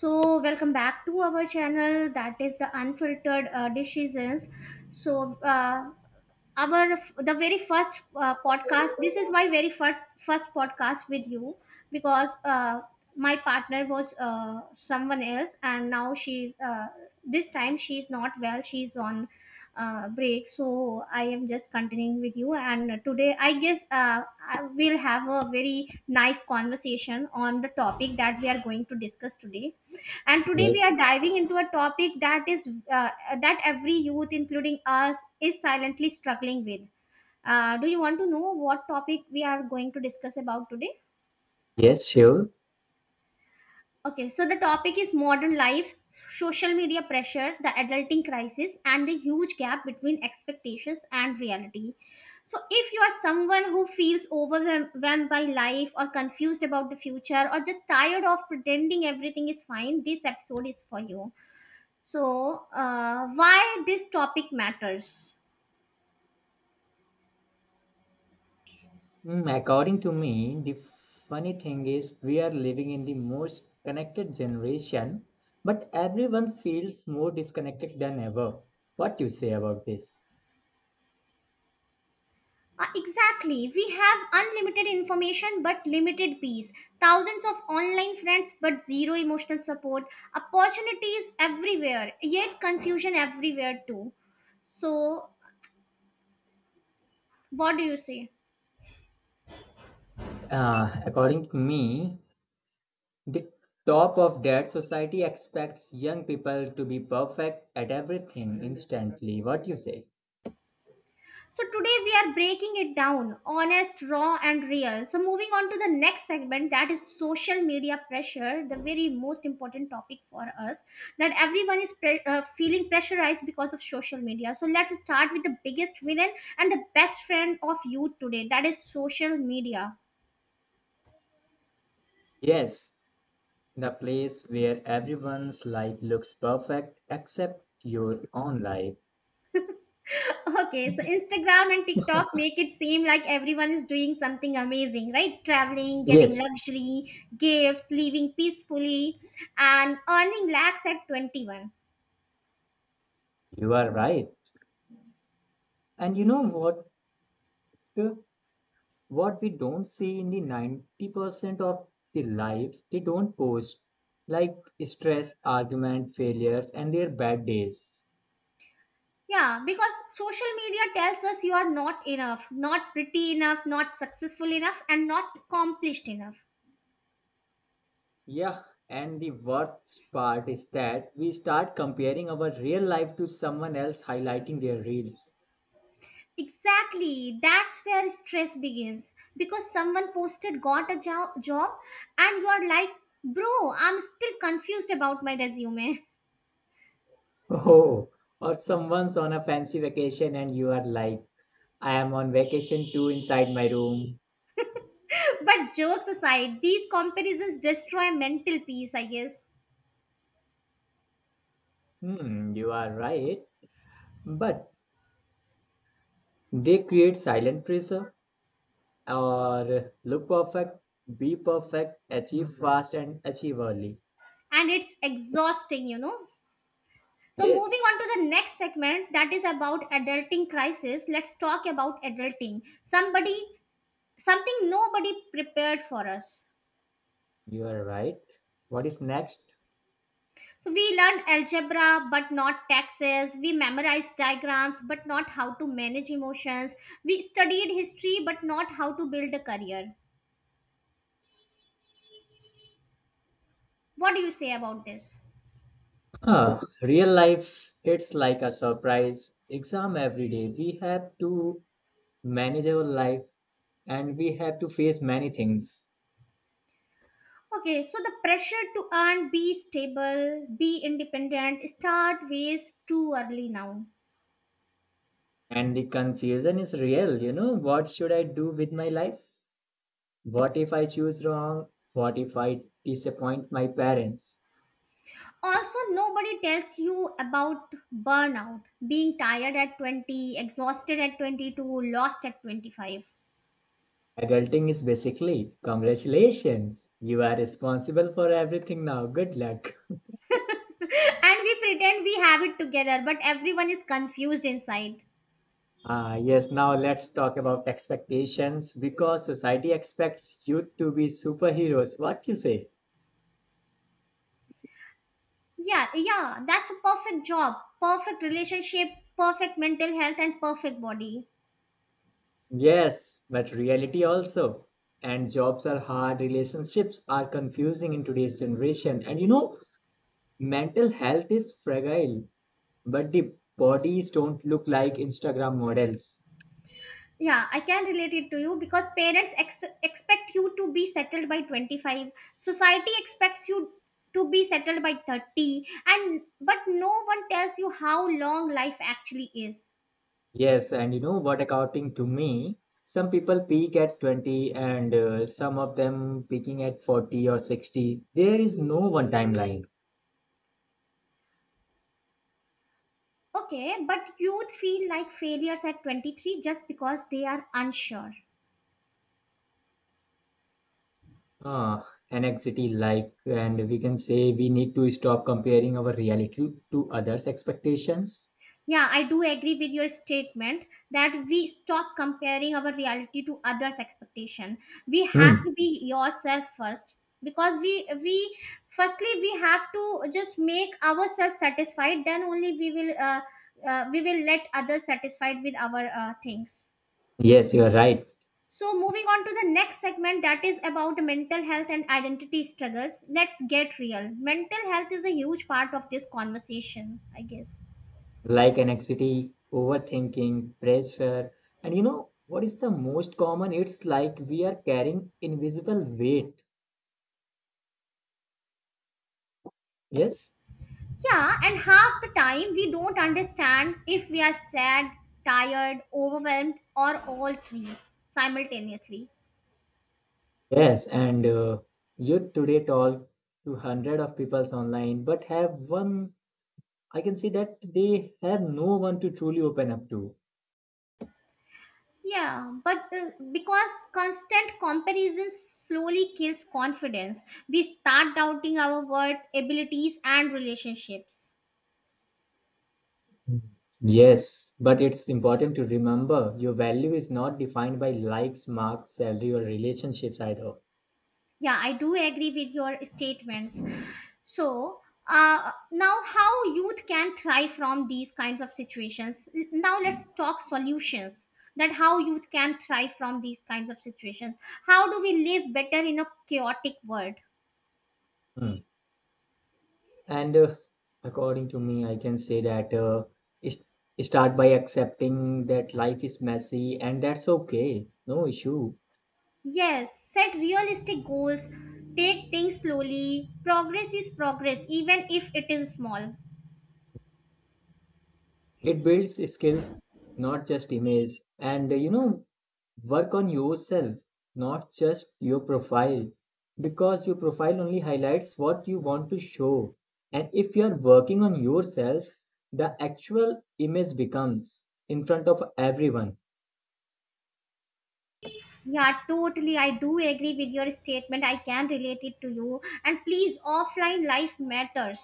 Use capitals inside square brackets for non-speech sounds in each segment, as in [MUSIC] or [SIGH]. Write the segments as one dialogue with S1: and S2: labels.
S1: So, welcome back to our channel that is the unfiltered decisions. So, our the very first podcast. This is my very first podcast with you because my partner was someone else, and now she's this time she's not well. She's on break, so I am just continuing with you. And today, I guess I will have a very nice conversation on the topic that we are going to discuss today, and today we
S2: Yes,
S1: are diving into a topic that is that every youth including us is silently struggling with. Do you want to know what topic we are going to discuss about today?
S2: yes, sure.
S1: Okay, so the topic is modern life, social media pressure, the adulting crisis, and the huge gap between expectations and reality. So if you are someone who feels overwhelmed by life, or confused about the future, or just tired of pretending everything is fine, this episode is for you. So, why this topic matters?
S2: Mm, according to me, the funny thing is we are living in the most connected generation, but everyone feels more disconnected than ever. What do you say about this?
S1: Exactly. We have unlimited information but limited peace, thousands of online friends but zero emotional support, opportunities everywhere, yet confusion everywhere too. So, what do you say?
S2: According to me, the top of that society expects young people to be perfect at everything instantly. What do you say?
S1: So today we are breaking it down, honest, raw, and real. So moving on to the next segment, that is social media pressure, the very most important topic for us. That everyone is feeling pressurized because of social media. So let's start with the biggest villain and the best friend of youth today, that is social media.
S2: Yes, the place where everyone's life looks perfect except your own life.
S1: Okay, so Instagram and TikTok make it seem like everyone is doing something amazing, right? Traveling, getting
S2: Yes.
S1: luxury, gifts, living peacefully, and earning lakhs at 21.
S2: You are right. And you know what? What we don't see in the 90% of the life they don't post, like stress, argument, failures, and their bad days.
S1: Yeah, because social media tells us you are not enough, not pretty enough, not successful enough, and not accomplished enough.
S2: Yeah, and the worst part is that we start comparing our real life to someone else highlighting their reels.
S1: Exactly, that's where stress begins because someone posted, got a job, and you're like, bro, I'm still confused about my resume.
S2: Oh, or someone's on a fancy vacation and you are like, I am on vacation too inside my room.
S1: But jokes aside, these comparisons destroy mental peace, I guess,
S2: Hmm, you are right. But they create silent pressure or look perfect, be perfect, achieve fast, and achieve early.
S1: and it's exhausting, you know. So, moving
S2: Yes,
S1: on to the next segment, that is about adulting crisis. Let's talk about adulting. Something nobody prepared for us.
S2: you are right. What is next?
S1: So, we learned algebra but not taxes, we memorized diagrams but not how to manage emotions, we studied history but not how to build a career. What do you say about this?
S2: Huh, real life hits like a surprise exam every day. We have to manage our life and we have to face many things.
S1: Okay, so the pressure to earn, be stable, be independent, start ways too early now.
S2: And the confusion is real, you know. What should I do with my life? What if I choose wrong? What if I disappoint my parents?
S1: Also, nobody tells you about burnout, being tired at 20, exhausted at 22, lost at 25.
S2: Adulting is basically congratulations. You are responsible for everything now. Good luck. [LAUGHS]
S1: [LAUGHS] And we pretend we have it together, but everyone is confused inside.
S2: Ah, yes, now let's talk about expectations because society expects youth to be superheroes. What you say?
S1: Yeah, yeah, that's a perfect job, perfect relationship, perfect mental health, and perfect body.
S2: Yes, but reality also. And jobs are hard, relationships are confusing in today's generation. And you know, mental health is fragile, but the bodies don't look like Instagram models.
S1: Yeah, I can relate it to you, because parents expect you to be settled by 25, society expects you to be settled by 30, and but no one tells you how long life actually is.
S2: Yes, and you know what, according to me, some people peak at 20 and some of them peaking at 40 or 60. There is no one timeline.
S1: Okay, but youth feel like failures at 23 just because they are unsure.
S2: Uh, Anxiety like, and we can say we need to stop comparing our reality to others' expectations.
S1: Yeah, I do agree with your statement that we stop comparing our reality to others' expectation. We have
S2: Hmm.
S1: to be yourself first, because we firstly we have to just make ourselves satisfied. Then only we will let others satisfied with our things.
S2: Yes, you are right.
S1: So moving on to the next segment, that is about mental health and identity struggles. Let's get real. Mental health is a huge part of this conversation, I guess.
S2: Like anxiety, overthinking, pressure, and you know what is the most common? It's like we are carrying invisible weight. Yes.
S1: Yeah, and half the time we don't understand if we are sad, tired, overwhelmed, or all three simultaneously.
S2: Yes, and youth today talk to hundred of people online, but have one. I can see that they have no one to truly open up to.
S1: Yeah, but because constant comparison slowly kills confidence, we start doubting our worth, abilities, and relationships.
S2: Mm. Yes, but it's important to remember your value is not defined by likes, marks, salary, or relationships either.
S1: Yeah, I do agree with your statements. So, now how youth can thrive from these kinds of situations. Now let's talk solutions. That how youth can thrive from these kinds of situations. How do we live better in a chaotic world?
S2: Mm. And According to me, I can say that is- start by accepting that life is messy, and that's okay, no issue.
S1: Yes, set realistic goals. Take things slowly. Progress is progress, even if it is small.
S2: It builds skills, not just image. And You know, work on yourself, not just your profile, because your profile only highlights what you want to show. And if you are working on yourself, the actual image becomes in front of everyone.
S1: Yeah, totally. I do agree with your statement. I can relate it to you. And please, offline life matters.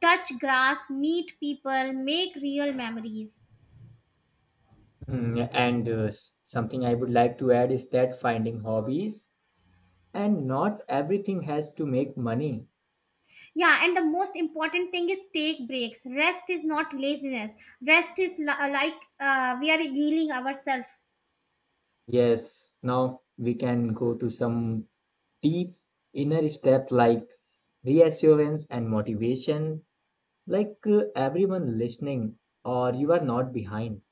S1: Touch grass, meet people, make real memories.
S2: Mm. Something I would like to add is that finding hobbies and not everything has to make money.
S1: Yeah, and the most important thing is take breaks. Rest is not laziness. Rest is like we are healing ourselves.
S2: Yes, now we can go to some deep inner step like reassurance and motivation, like everyone listening, or you are not behind.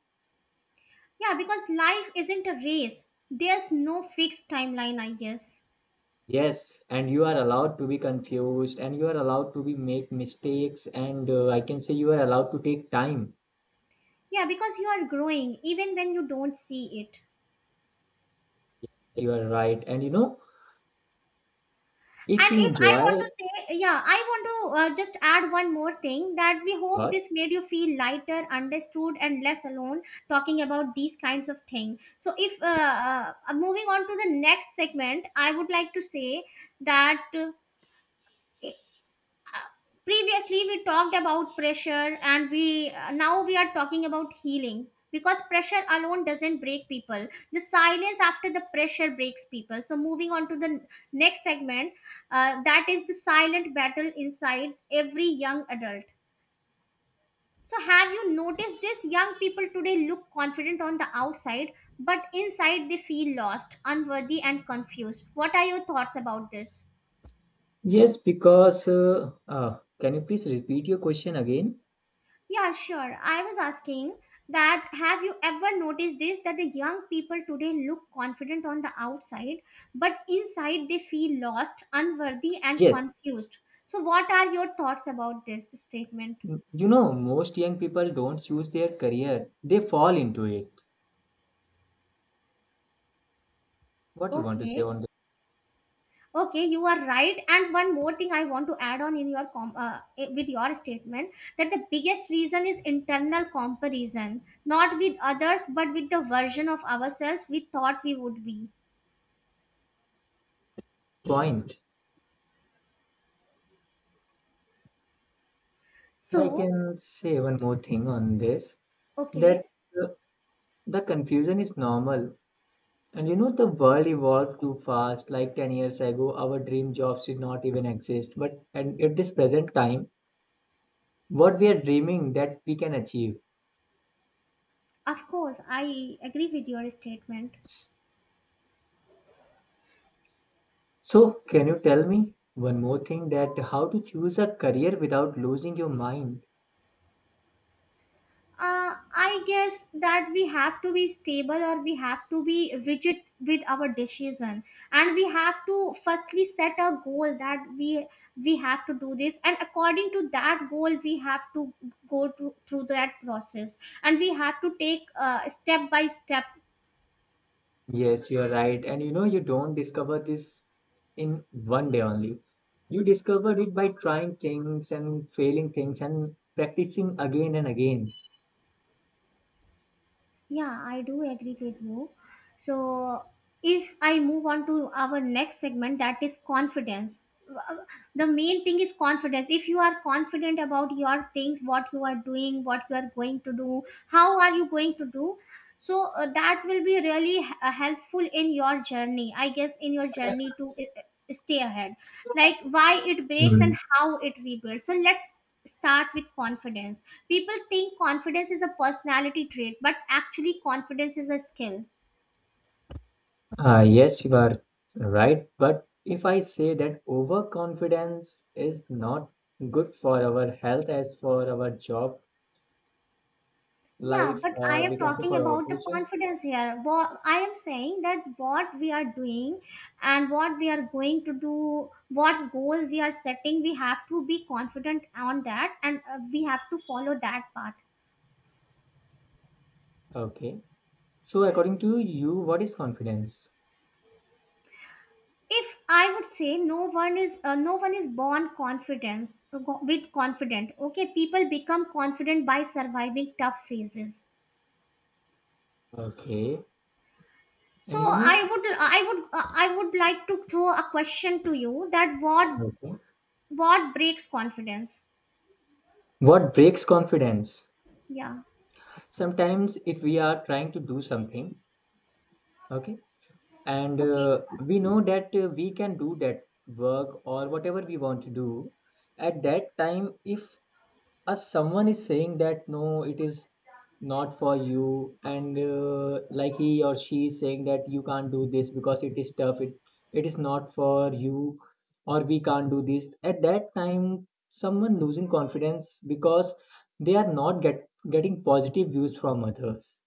S1: Yeah, because life isn't a race. There's no fixed timeline, I guess.
S2: Yes, and you are allowed to be confused, and you are allowed to be make mistakes, and I can say you are allowed to take time.
S1: Yeah, because you are growing even when you don't see it.
S2: You are right, and you know if
S1: And
S2: you
S1: if I want
S2: enjoy
S1: to say, yeah, I want to just add one more thing, that we hope
S2: what?
S1: this made you feel lighter, understood, and less alone talking about these kinds of things. So, if moving on to the next segment, I would like to say that. Previously we talked about pressure, and we now we are talking about healing, because pressure alone doesn't break people, the silence after the pressure breaks people. So moving on to the next segment, that is the silent battle inside every young adult. So have you noticed this, young people today look confident on the outside, but inside they feel lost, unworthy, and confused. What are your thoughts about this?
S2: Yes, because can you please repeat your question again?
S1: Yeah, sure. I was asking that have you ever noticed this, that the young people today look confident on the outside, but inside they feel lost, unworthy, and
S2: Yes.
S1: confused. So, what are your thoughts about this statement?
S2: You know most young people don't choose their career; they fall into it. What you want to say
S1: Okay,
S2: on
S1: okay, you are right. And one more thing I want to add on in your with your statement, that the biggest reason is internal comparison, not with others, but with the version of ourselves we thought we would be.
S2: point. I
S1: So,
S2: can say one more thing on this
S1: okay.
S2: that uh, the confusion is normal. And you know, the world evolved too fast. Like 10 years ago, our dream jobs did not even exist. But and at this present time, what we are dreaming that we can achieve.
S1: Of course, I agree with your statement.
S2: So, can you tell me one more thing that how to choose a career without losing your mind?
S1: I guess that we have to be stable, or we have to be rigid with our decision, and we have to firstly set a goal that we have to do this, and according to that goal, we have to go through that process, and we have to take step by step.
S2: Yes, you are right. And you know, you don't discover this in one day only. You discover it by trying things and failing things and practicing again and again.
S1: Yeah, I do agree with you. So, if I move on to our next segment, that is confidence. The main thing is confidence. If you are confident about your things, what you are doing, what you are going to do, how are you going to do, so that will be really helpful in your journey, I guess, in your journey to stay ahead, like why it breaks and
S2: Mm.
S1: how it rebuilds. So let's start with confidence. People think confidence is a personality trait, but actually confidence is a skill.
S2: Yes, you are right. But if I say that overconfidence is not good for our health as for our job
S1: Yeah,
S2: life,
S1: but I
S2: or
S1: am
S2: we can say
S1: talking
S2: for our
S1: about the
S2: future.
S1: confidence here. What I am saying, that what we are doing and what we are going to do, what goals we are setting, we have to be confident on that, and we have to follow that path.
S2: Okay. So, according to you, what is confidence?
S1: If I would say, no one is born confidence with confident. Okay, people become confident by surviving tough phases.
S2: Okay.
S1: So
S2: And you know,
S1: I would like to throw a question to you, that
S2: okay.
S1: what breaks confidence.
S2: What breaks confidence?
S1: Yeah.
S2: Sometimes if we are trying to do something, okay, and
S1: Okay.
S2: uh, we know that we can do that work or whatever we want to do, at that time if someone is saying that no, it is not for you, and like he or she is saying that you can't do this because it is tough, it is not for you or we can't do this, at that time someone losing confidence because they are not getting positive views from others.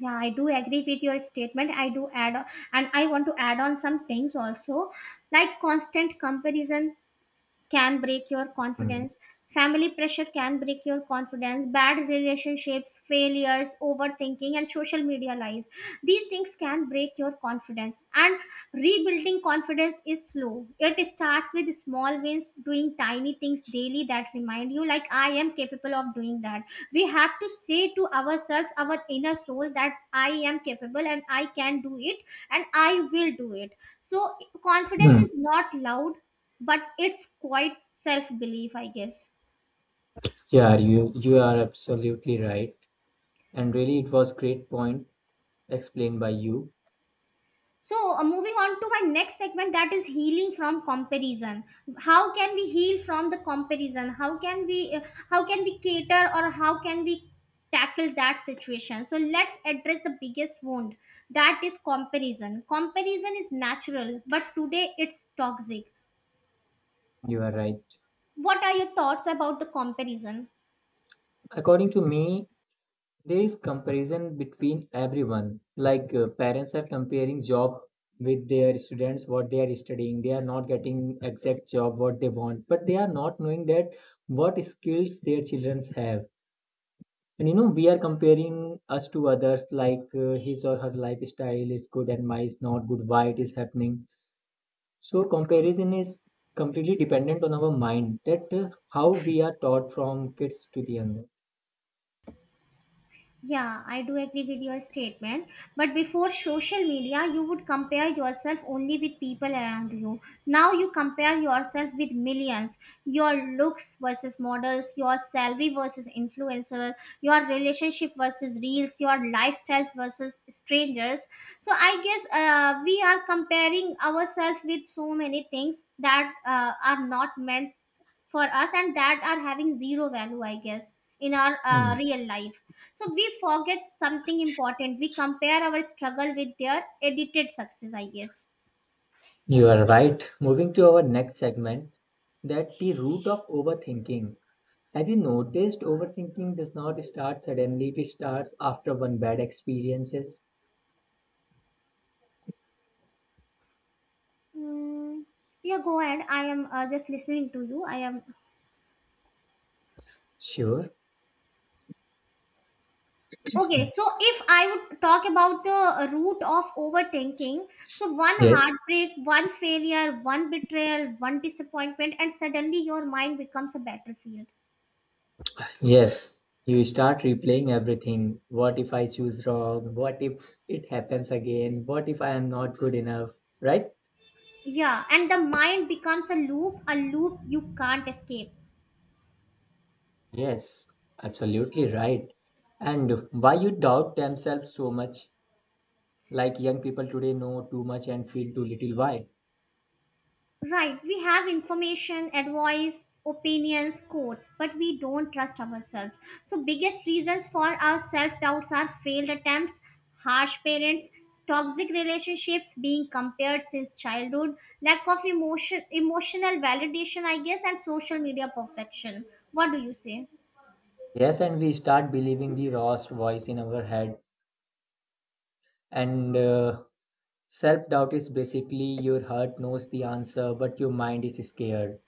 S1: Yeah, I do agree with your statement. I do add on, and I want to add on some things also, like constant comparison can break your confidence. Family pressure can break your confidence, bad relationships, failures, overthinking, and social media lies. These things can break your confidence. And rebuilding confidence is slow. It starts with small wins, doing tiny things daily that remind you, like, I am capable of doing that. We have to say to ourselves, our inner soul, that I am capable and I can do it and I will do it. So, confidence is
S2: Hmm.
S1: not loud but it's quite self belief, I guess.
S2: Yeah, you are absolutely right. And really it was great point explained by you.
S1: So moving on to my next segment, that is healing from comparison. How can we heal from the comparison? How can we how can we cater, or how can we tackle that situation? So let's address the biggest wound, that is comparison. Comparison is natural, but today it's toxic.
S2: You are right.
S1: What are your thoughts about the comparison?
S2: According to me, there is comparison between everyone. Like parents are comparing job with their students what they are studying. They are not getting exact job what they want, but they are not knowing that what skills their children have. And you know, we are comparing us to others like his or her lifestyle is good and mine is not good, why it is happening. So comparison is completely dependent on our mind that how we are taught from kids to the young.
S1: Yeah, I do agree with your statement. But before social media, you would compare yourself only with people around you. Now you compare yourself with millions. Your looks versus models, your salary versus influencers, your relationship versus reels, your lifestyles versus strangers. So I guess we are comparing ourselves with so many things that are not meant for us and that are having zero value I guess, in our
S2: Hmm.
S1: real life. So we forget something important. We compare our struggle with their edited success, I guess
S2: You are right. Moving to our next segment, that the root of overthinking. Have you noticed overthinking does not start suddenly, it starts after one bad experiences?
S1: mm, yeah, go ahead. I am just listening to you. I am
S2: Sure.
S1: okay. So if I would talk about the root of overthinking, so one
S2: Yes.
S1: heartbreak, one failure, one betrayal, one disappointment, and suddenly your mind becomes a battlefield.
S2: Yes. You start replaying everything. What if I choose wrong? What if it happens again? What if I am not good enough? Right?
S1: Yeah, and the mind becomes a loop, a loop you can't escape.
S2: Yes, absolutely right. And why you doubt themselves so much? Like young people today know too much and feel too little. Why?
S1: Right, we have information, advice, opinions, quotes, but we don't trust ourselves. So biggest reasons for our self-doubts are failed attempts, harsh parents, toxic relationships, being compared since childhood, lack of emotional validation, I guess, and social media perfection. What do you say?
S2: Yes, and we start believing the lost voice in our head. And Self doubt is basically your heart knows the answer, but your mind is scared.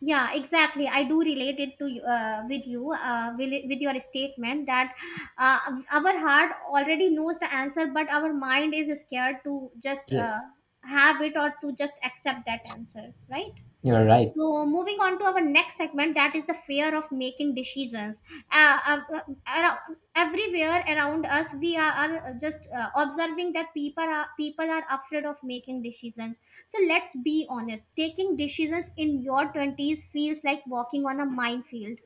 S1: Yeah, exactly. I do relate it with you, with your statement that uh, our heart already knows the answer, but our mind is scared to just
S2: Yes,
S1: have it or to just accept that answer, right?
S2: you're right.
S1: So moving on to our next segment, that is the fear of making decisions. Everywhere around us, are just observing that people are afraid of making decisions. So let's be honest. Taking decisions in your twenties feels like walking on a minefield.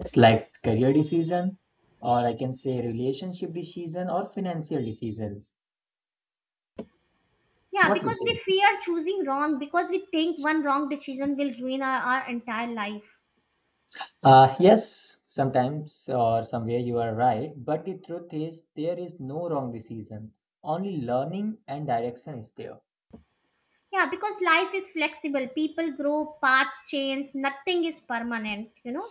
S2: It's like career decision, or I can say relationship decision, or financial decisions.
S1: Yeah,
S2: What you
S1: because we
S2: say?
S1: fear choosing wrong, because we think one wrong decision will ruin our entire life.
S2: Yes, sometimes or somewhere you are right, but the truth is there is no wrong decision. Only learning and direction is there.
S1: Yeah, because life is flexible. People grow, paths change, nothing is permanent, you know.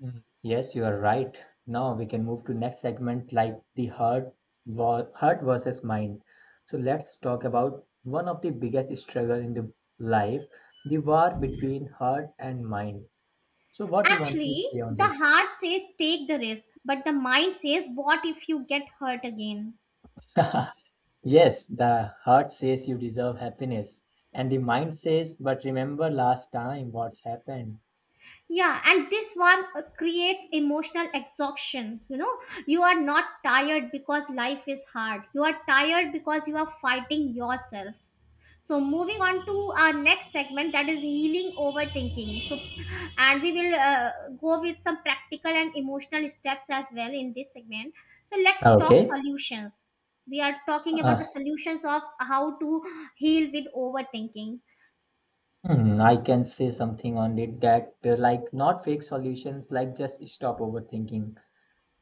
S2: Mhm. Yes, you are right. Now we can move to next segment like the heart, heart versus mind. So let's talk about one of the biggest struggle in the life, the war between heart and mind. So what you want to
S1: Actually,
S2: say on
S1: the
S2: this?
S1: heart says take the risk, but the mind says, what if you get hurt again?
S2: [LAUGHS] Yes, the heart says you deserve happiness, and the mind says, but remember last time what's happened.
S1: Yeah, and this one creates emotional exhaustion. You know, you are not tired because life is hard. You are tired because you are fighting yourself. So moving on to our next segment, that is healing overthinking. So and we will go with some practical and emotional steps as well in this segment. So let's talk
S2: Okay.
S1: solutions. We are talking about
S2: Uh,
S1: the solutions of how to heal with overthinking.
S2: I can say something on it that, like, not fake solutions, like, just stop overthinking,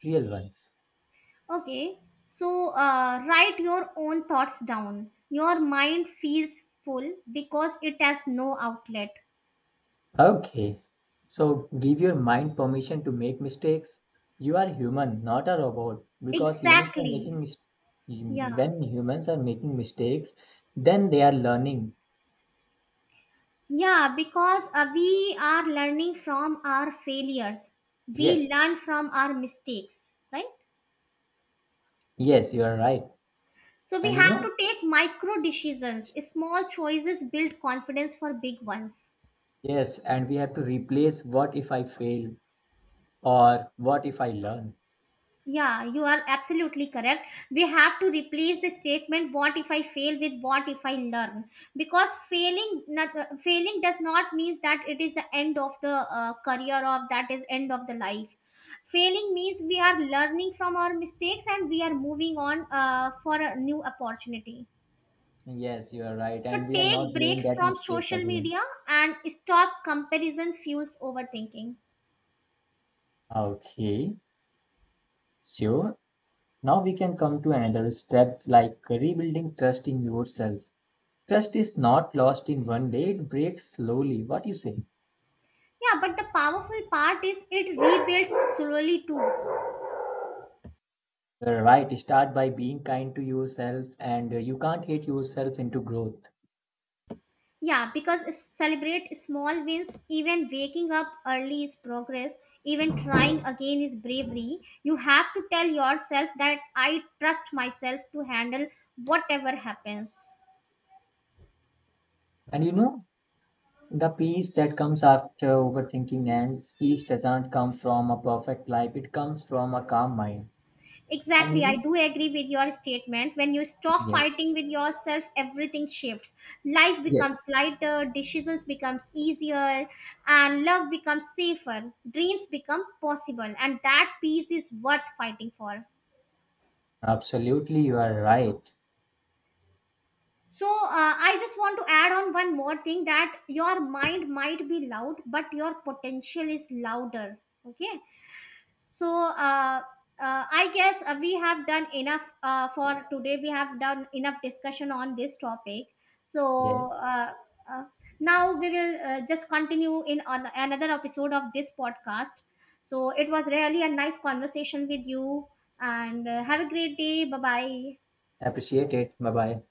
S2: real ones.
S1: Okay. So write your own thoughts down. Your mind feels full because it has no outlet.
S2: Okay. So, give your mind permission to make mistakes. You are human, not a robot, because humans are
S1: Exactly.
S2: making
S1: Yeah.
S2: when humans are making mistakes, then they are learning.
S1: Yeah, because we are learning from our failures. We
S2: Yes,
S1: learn from our mistakes, right?
S2: yes, you are right.
S1: So we
S2: And you
S1: have
S2: know,
S1: to take micro decisions. Small choices build confidence for big ones.
S2: yes, and we have to replace what if I fail or what if I learn.
S1: Yeah, you are absolutely correct. We have to replace the statement "What if I fail?" with "What if I learn?" Because failing, not, failing does not mean that it is the end of the career or that is end of the life. Failing means we are learning from our mistakes and we are moving on for a new opportunity.
S2: Yes, you are right.
S1: So
S2: And we are
S1: take
S2: not doing
S1: breaks
S2: that
S1: from
S2: mistakes
S1: social
S2: again.
S1: media and stop comparison fuels overthinking.
S2: Okay, sure. Now we can come to another step like rebuilding trust in yourself. Trust is not lost in one day, it breaks slowly. What you say?
S1: Yeah, but the powerful part is it rebuilds slowly too.
S2: You're right. Start by being kind to yourself and you can't hate yourself into growth.
S1: Yeah, because celebrate small wins, even waking up early is progress, even trying again is bravery. You have to tell yourself that I trust myself to handle whatever happens.
S2: And you know, the peace that comes after overthinking ends, peace doesn't come from a perfect life, it comes from a calm mind. And you
S1: Exactly, I
S2: know,
S1: do agree with your statement. When you stop
S2: yes,
S1: fighting with yourself, everything shifts. Life becomes
S2: yes,
S1: lighter, decisions becomes easier, and love becomes safer. Dreams become possible, and that peace is worth fighting for.
S2: absolutely, you are right.
S1: So I just want to add on one more thing that your mind might be loud, but your potential is louder. Okay. So I guess we have done enough for today. We have done enough discussion on this topic. So
S2: Yes,
S1: uh, now we will just continue in on another episode of this podcast. So it was really a nice conversation with you, and have a great day. Bye bye.
S2: appreciate it. Bye bye.